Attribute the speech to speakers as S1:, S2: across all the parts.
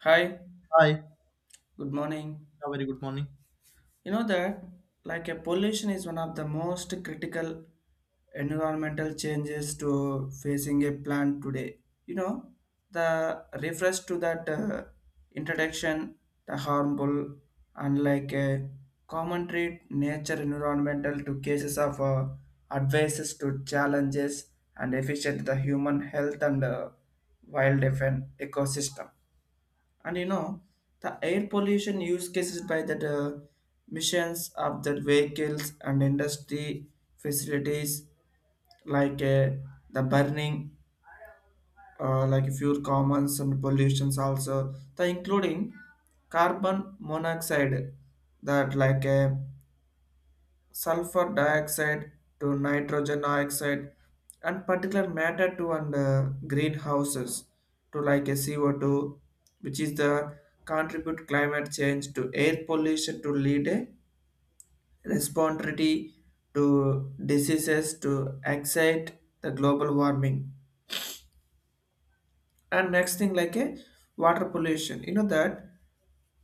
S1: Hi,
S2: Hi. Yeah,
S1: good morning.
S2: very good morning.
S1: You know that like a pollution is one of the most critical environmental changes to facing a plant today. You know, the refers to that introduction, the harmful and like a commentary nature environmental to cases of advices to challenges and efficient the human health and wild ecosystem. And you know, the air pollution use cases by the missions of the vehicles and industry facilities like the burning, like fuel commons and pollutions also, the including carbon monoxide that like sulfur dioxide to nitrogen oxide and particular matter to and greenhouses to like a CO2, which is the contribute climate change to air pollution to lead a responsibility to diseases to excite the global warming. And next thing like a water pollution, you know that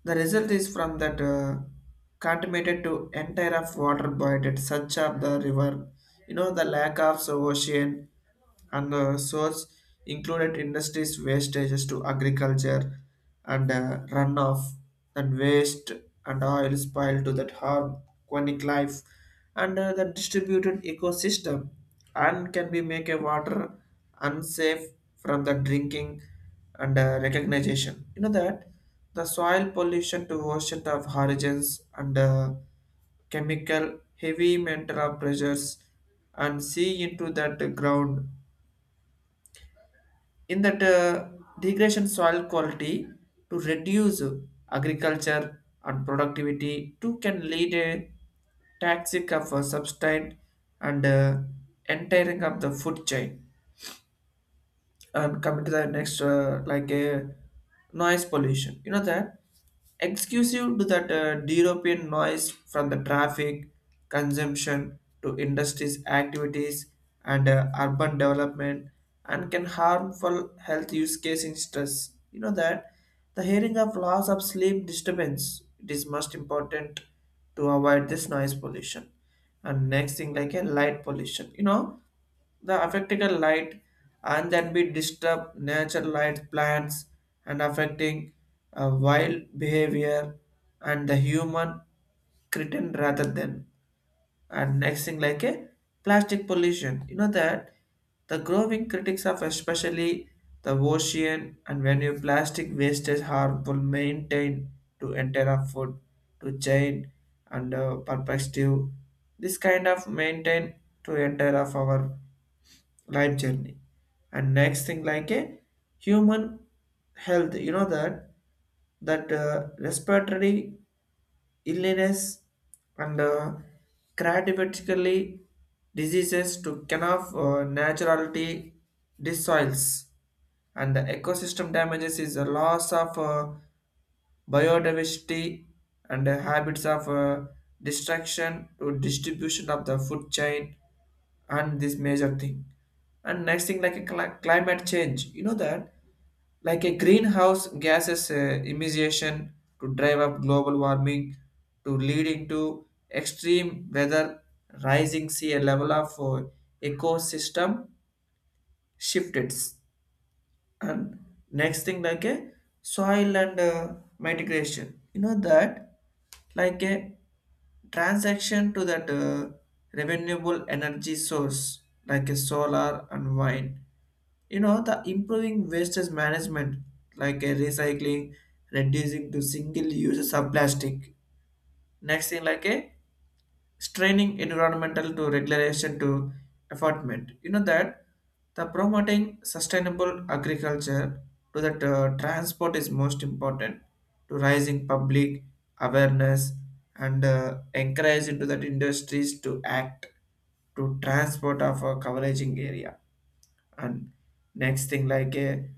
S1: the result is from that contaminated to entire of water bodied, such of the river. You know the lack of so ocean and the source included industries wastages to agriculture and runoff and waste and oil spill to that harm aquatic life and the distributed ecosystem and can be make a water unsafe from the drinking and recognition. You know that the soil pollution to ocean of origins and chemical heavy metal pressures and see into that ground in that degradation soil quality to reduce agriculture and productivity too can lead a toxic of a substrate and entering of the food chain. Coming to the next like a noise pollution, you know that exclusive to that european noise from the traffic consumption to industries activities and urban development and can harmful health use case in stress, you know that the hearing of loss of sleep disturbance it is most important to avoid this noise pollution. And next thing like a light pollution, you know the affecting light and then be disturb nature light plants and affecting wild behavior and the human cretin rather than. And next thing like a plastic pollution, you know that the growing critics of especially the ocean and when your plastic wastage harmful maintain to enter a food to chain and perspective, this kind of maintain to enter of our life journey. And next thing like a human health, you know that that respiratory illness and cardiovaascular diseases to can of naturality dissoils and the ecosystem damages is a loss of biodiversity and the habits of destruction to distribution of the food chain, and this major thing. And next thing like a climate change, you know that like a greenhouse gases emission to drive up global warming, to leading to extreme weather, rising sea level of ecosystem shifted. And next thing like a soil and mitigation, you know that like a transaction to that renewable energy source like a solar and wind. You know the improving wastage management like a recycling, reducing to single uses of plastic. Next thing like a straining environmental to regulation to affordment. You know that the promoting sustainable agriculture to that transport is most important to rising public awareness and encourage into that industries to act to transport of a coveraging area. And next thing like a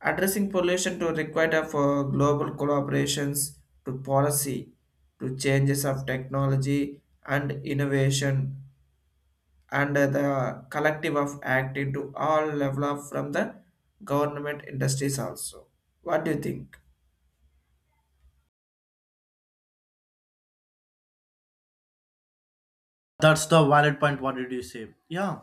S1: addressing pollution to require for global collaborations to policy to changes of technology and innovation, and the collective of acting to all level of from the government industries also. What do you think?
S2: That's the valid point. What did you say? Yeah.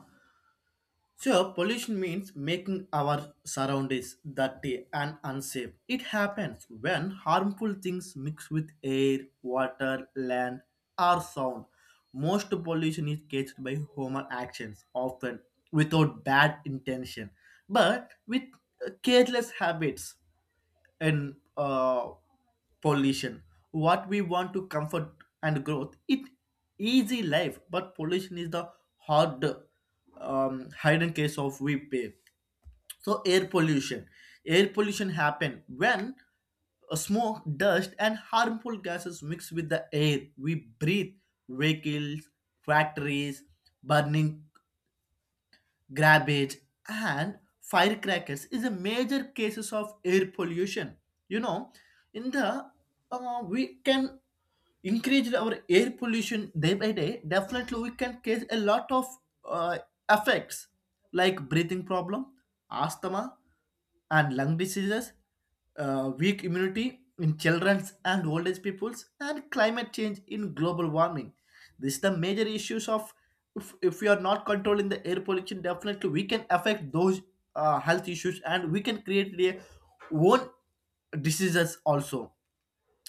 S2: So pollution means making our surroundings dirty and unsafe. It happens when harmful things mix with air, water, land, or sound. Most pollution is caused by human actions, often without bad intention, but with careless habits. And pollution, what we want to comfort and growth, it easy life, but pollution is the hard hidden case of we pay. So air pollution happen when smoke, dust, and harmful gases mix with the air we breathe. Vehicles, factories, burning garbage and firecrackers is a major cases of air pollution, you know, in the we can increase our air pollution day by day. Definitely we can cause a lot of uh, effects like breathing problem, asthma, and lung diseases, weak immunity in children and old age peoples, and climate change in global warming. These are the major issues of if we are not controlling the air pollution, definitely we can affect those health issues and we can create their own diseases also.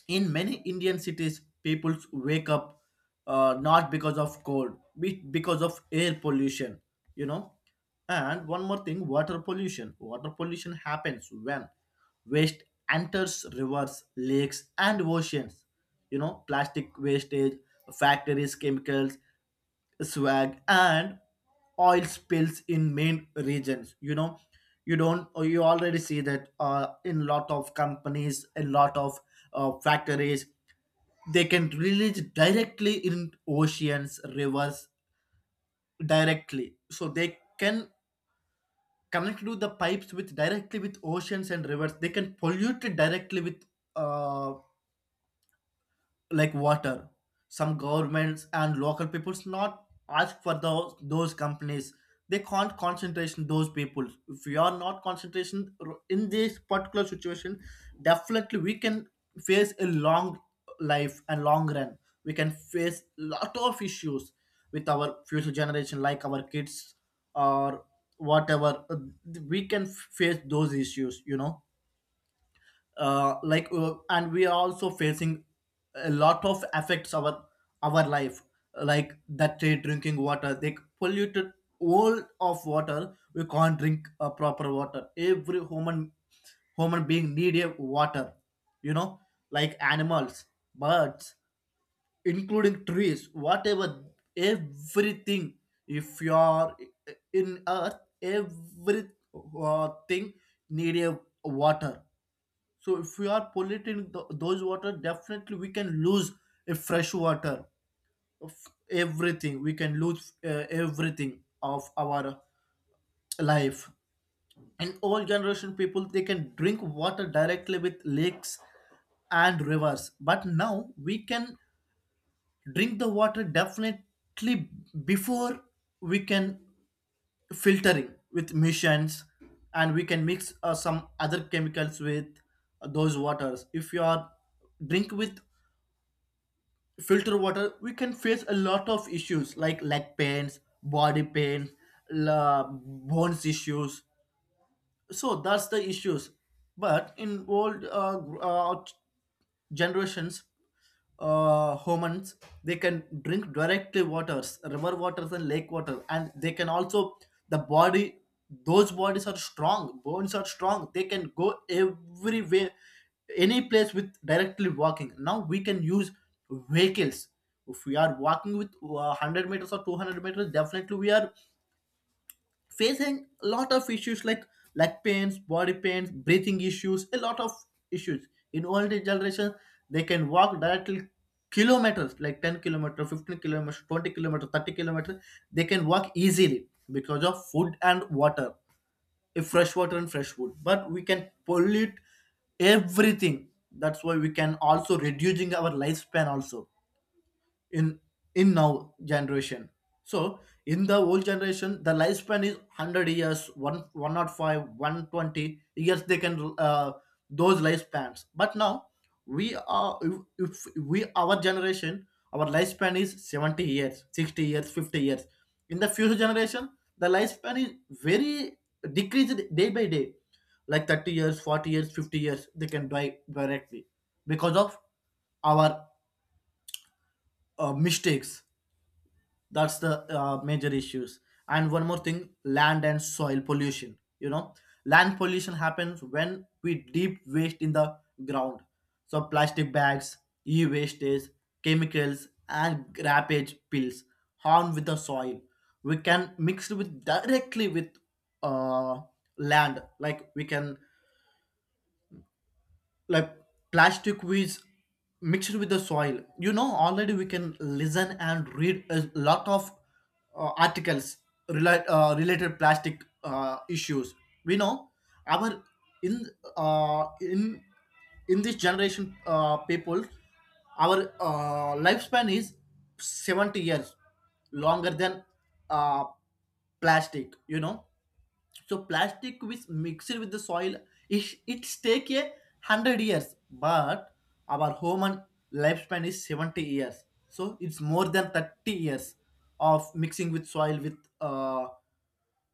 S2: In many Indian cities, people wake up not because of cold, because of air pollution, you know. And one more thing, water pollution. Water pollution happens when waste enters rivers, lakes, and oceans. You know, plastic wastage, factories, chemicals, swag and oil spills in main regions. You know, you don't, you already see that in lot of companies, in lot of factories, they can release directly in oceans, rivers directly. So they can connect to the pipes with directly with oceans and rivers. They can pollute it directly with uh, like water. Some governments and local peoples not ask for those companies. They can't concentration those people. If we are not concentration in this particular situation, definitely we can face a long life, and long run we can face lot of issues with our future generation like our kids or whatever. We can face those issues, you know, like and we are also facing a lot of affects our life, like that they drinking water they polluted. All of water we can't drink a proper water. Every human being need a water, you know, like animals, birds, including trees, whatever, everything. If you are in earth, every thing need a water. So if we are polluting those water, definitely we can lose a fresh water, everything. We can lose everything of our life. And old generation people, they can drink water directly with lakes and rivers. But now we can drink the water definitely before. We can filtering with machines, and we can mix some other chemicals with those waters. If you are drink with filter water, we can face a lot of issues like leg pains, body pain, bones issues. So that's the issues. But in old generations, humans, they can drink directly waters, river waters and lake water, and they can also the body. Those bodies are strong, bones are strong, they can go everywhere, any place with directly walking. Now we can use vehicles. If we are walking with 100 meters or 200 meters, definitely we are facing a lot of issues like leg pains, body pains, breathing issues, a lot of issues. In old age generation, they can walk directly kilometers, like 10 kilometers, 15 kilometers, 20 kilometers, 30 kilometers. They can walk easily because of food and water, if fresh water and fresh food. But we can pollute everything. That's why we can also reducing our lifespan also in in now generation. So in the old generation, the lifespan is 100 years, 1 105 120 years, they can those lifespans. But now we are, if we our generation, our lifespan is 70 years, 60 years, 50 years. In the future generation, the lifespan is very decreased day by day, like 30 years, 40 years, 50 years, they can die directly because of our mistakes. That's the major issues. And one more thing, land and soil pollution, you know, land pollution happens when we deep waste in the ground. So plastic bags, e-wastage, chemicals, and grappage pills harm with the soil. We can mix it with directly with uh, land. Like we can, like plastic weeds mixed with the soil. You know, already we can listen and read a lot of articles related plastic issues. We know our in uh, in in this generation people, our lifespan is 70 years longer than uh, plastic, you know. So plastic which mixed with the soil, it take 100 years, but our human lifespan is 70 years. So it's more than 30 years of mixing with soil with uh,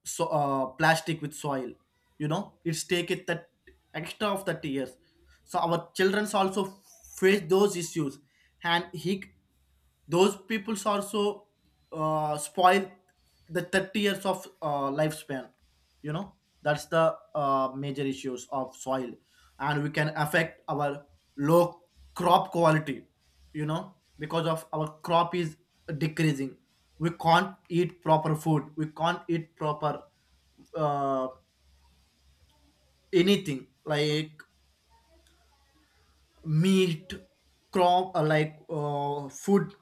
S2: so uh, plastic with soil. You know, it's take it that extra of 30 years. So our childrens also face those issues, and he those peoples also spoil the 30 years of lifespan, you know. That's the major issues of soil. And we can affect our low crop quality, you know, because of our crop is decreasing. We can't eat proper food, we can't eat proper uh, anything like meat, crop, food,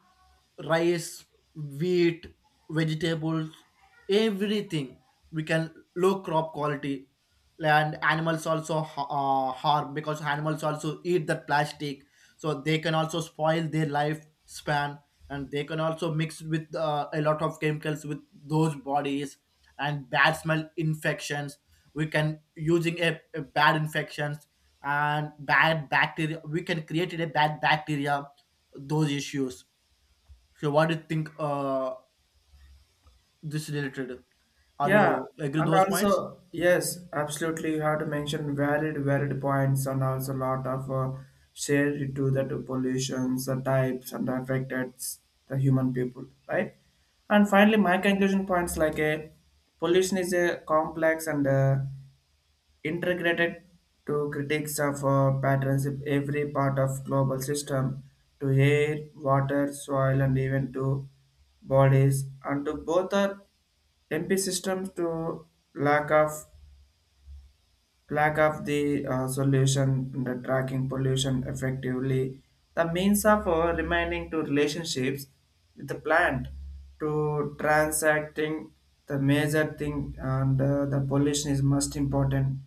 S2: rice, wheat, vegetables, everything. We can low crop quality. And animals also harm because animals also eat that plastic. So they can also spoil their lifespan, and they can also mix with a lot of chemicals with those bodies, and bad smell infections. We can using a bad infections, and bad bacteria, we can create a bad bacteria, those issues. So what do you think, uh, this related, are you
S1: Yeah,
S2: agree
S1: and
S2: those points?
S1: also, yes, absolutely. You have to mention valid, valid points and also a lot of shared to the two pollutions, the types, and the affected the human people, right? And finally, my conclusion points like a pollution is a complex and integrated to critics of patterns in every part of global system to air, water, soil, and even to bodies, and to both are MP systems to lack of lack of the solution in the tracking pollution effectively the means of remaining to relationships with the plant to transacting the major thing and the pollution is most important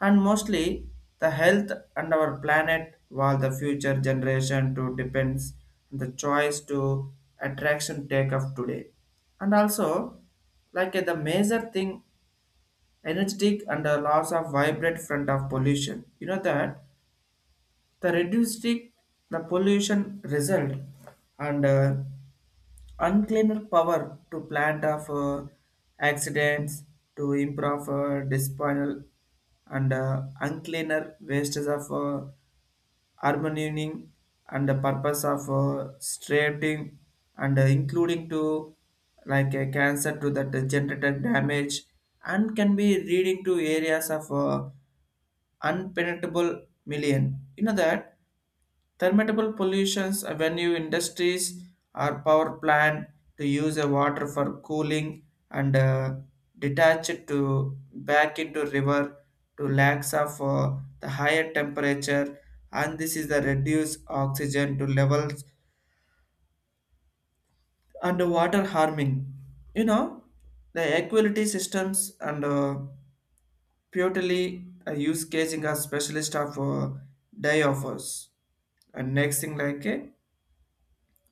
S1: and mostly the health and our planet while the future generation to depends on the choice to attraction take of today. And also like the major thing energetic and a loss of vibrant front of pollution. You know that the reduced the pollution result and uncleaner power to plant of accidents to improve disposal and uncleaner wastes of harmonizing and the purpose of straighting and including to like a cancer to that generated damage and can be reading to areas of unpenetrable million. You know that thermable pollutions when you industries or power plant to use a water for cooling and detach it to back into river to lakes of the higher temperature, and this is the reduced oxygen to levels and water harming. You know the equality systems and purely use casing as specialist of die offers. And next thing like a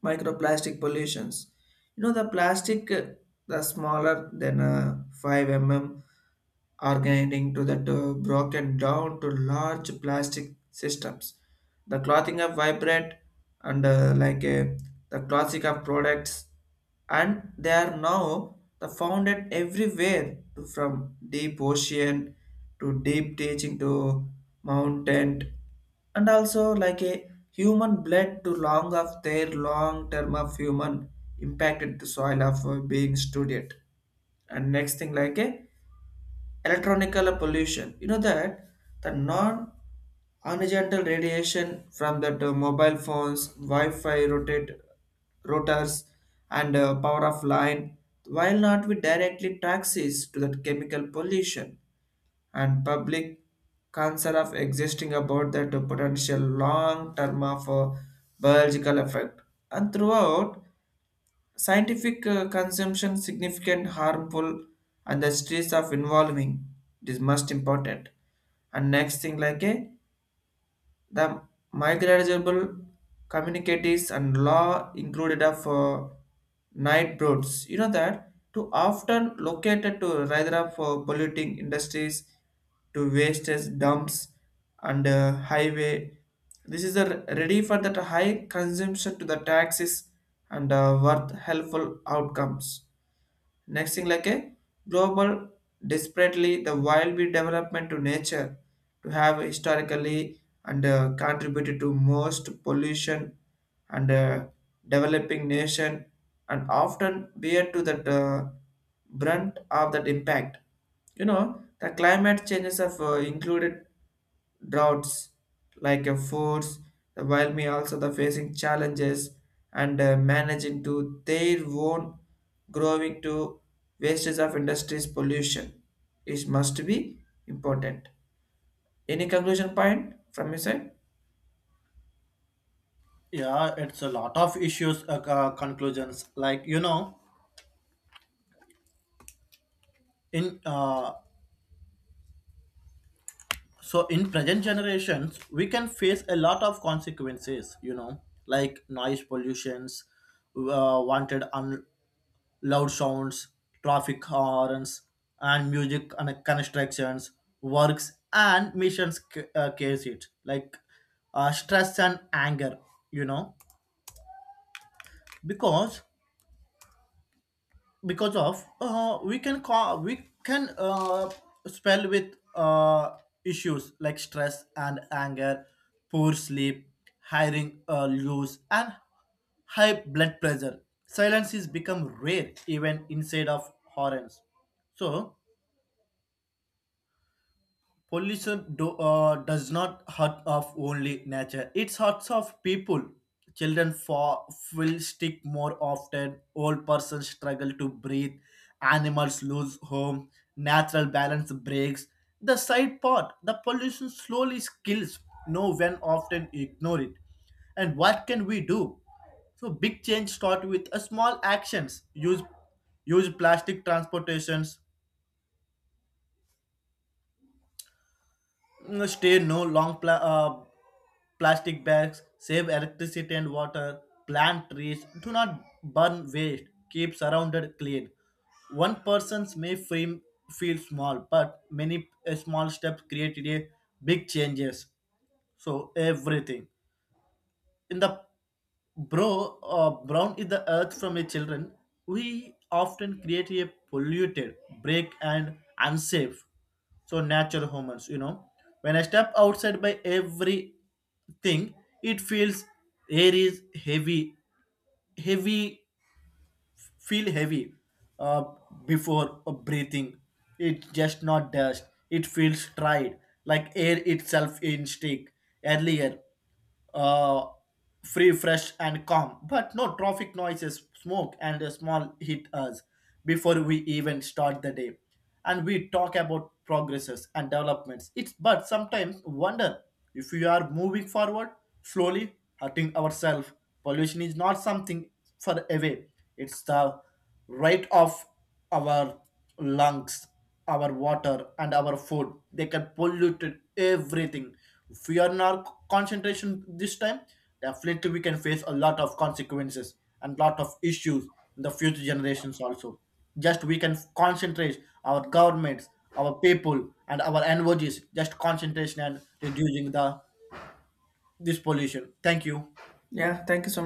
S1: microplastic pollutions. You know, the plastic, the smaller than 5 mm are grinding to that broken down to large plastic systems. The clothing are vibrant and like a, the classic of products, and they are now the founded everywhere to, from deep ocean to deep teaching to mountain, and also like a human blood to long of their long term of human impacted the soil of being studied. And next thing like a electronical pollution. You know that the non horizontal radiation from that mobile phones, Wi-Fi rotate rotors, and power of line, while not with directly taxes to that chemical pollution and public concern of existing about that potential long term of biological effect. And throughout scientific consumption significant harmful and the stress of involving it is most important. And next thing like a the migratable communicatives and law included of night birds. You know that to often located to rather of polluting industries to wastage dumps and highway. This is a ready for that high consumption to the taxes and worth helpful outcomes. Next thing like a global desperately the wild bee development to nature to have historically and contributed to most pollution and developing nation and often bear to the brunt of that impact. You know the climate changes have included droughts like a force, the while me also the facing challenges and managing to their own growing to wastes of industries pollution. It must be important. Any conclusion point from your side?
S2: Yeah, it's a lot of issues, conclusions like, you know, in so in present generations we can face a lot of consequences, you know, like noise pollutions, wanted loud sounds, traffic horns, and music and constructions, works and missions case it like stress and anger. You know, because because of we can call, we can spell with issues like stress and anger, poor sleep, hiring loose and high blood pressure. Silence is become rare even inside of horns. So pollution do, does not hurt of only nature. It hurts of people. Children fall, will stick more often. Old persons struggle to breathe. Animals lose home. Natural balance breaks. The side part, the pollution slowly kills. No one often ignore it. And what can we do? So big change start with a small actions. Use plastic transportations. Stay no long plastic bags. Save electricity and water. Plant trees. Do not burn waste. Keep surrounded clean. One person's may feel small, but many small steps created a big changes. So everything in the brown is the earth from a children. We often create a polluted, break and unsafe. So natural hormones, you know. When I step outside by everything, it feels air is heavy, heavy feel heavy uh, before breathing. It's just not dust. It feels dried, like air itself in stick. Earlier, uh, free, fresh, and calm. But no traffic noises, smoke, and a small hit us before we even start the day. And we talk about progresses and developments. It's but sometimes wonder if we are moving forward slowly, hurting ourselves. Pollution is not something far away. It's the right of our lungs, our water, and our food, they can pollute it, everything. If we are not concentration this time, definitely we can face a lot of consequences and lot of issues in the future generations also. Just we can concentrate our governments, our people, and our NGOs, just concentration and reducing the this pollution. Thank you.
S1: Yeah, thank you so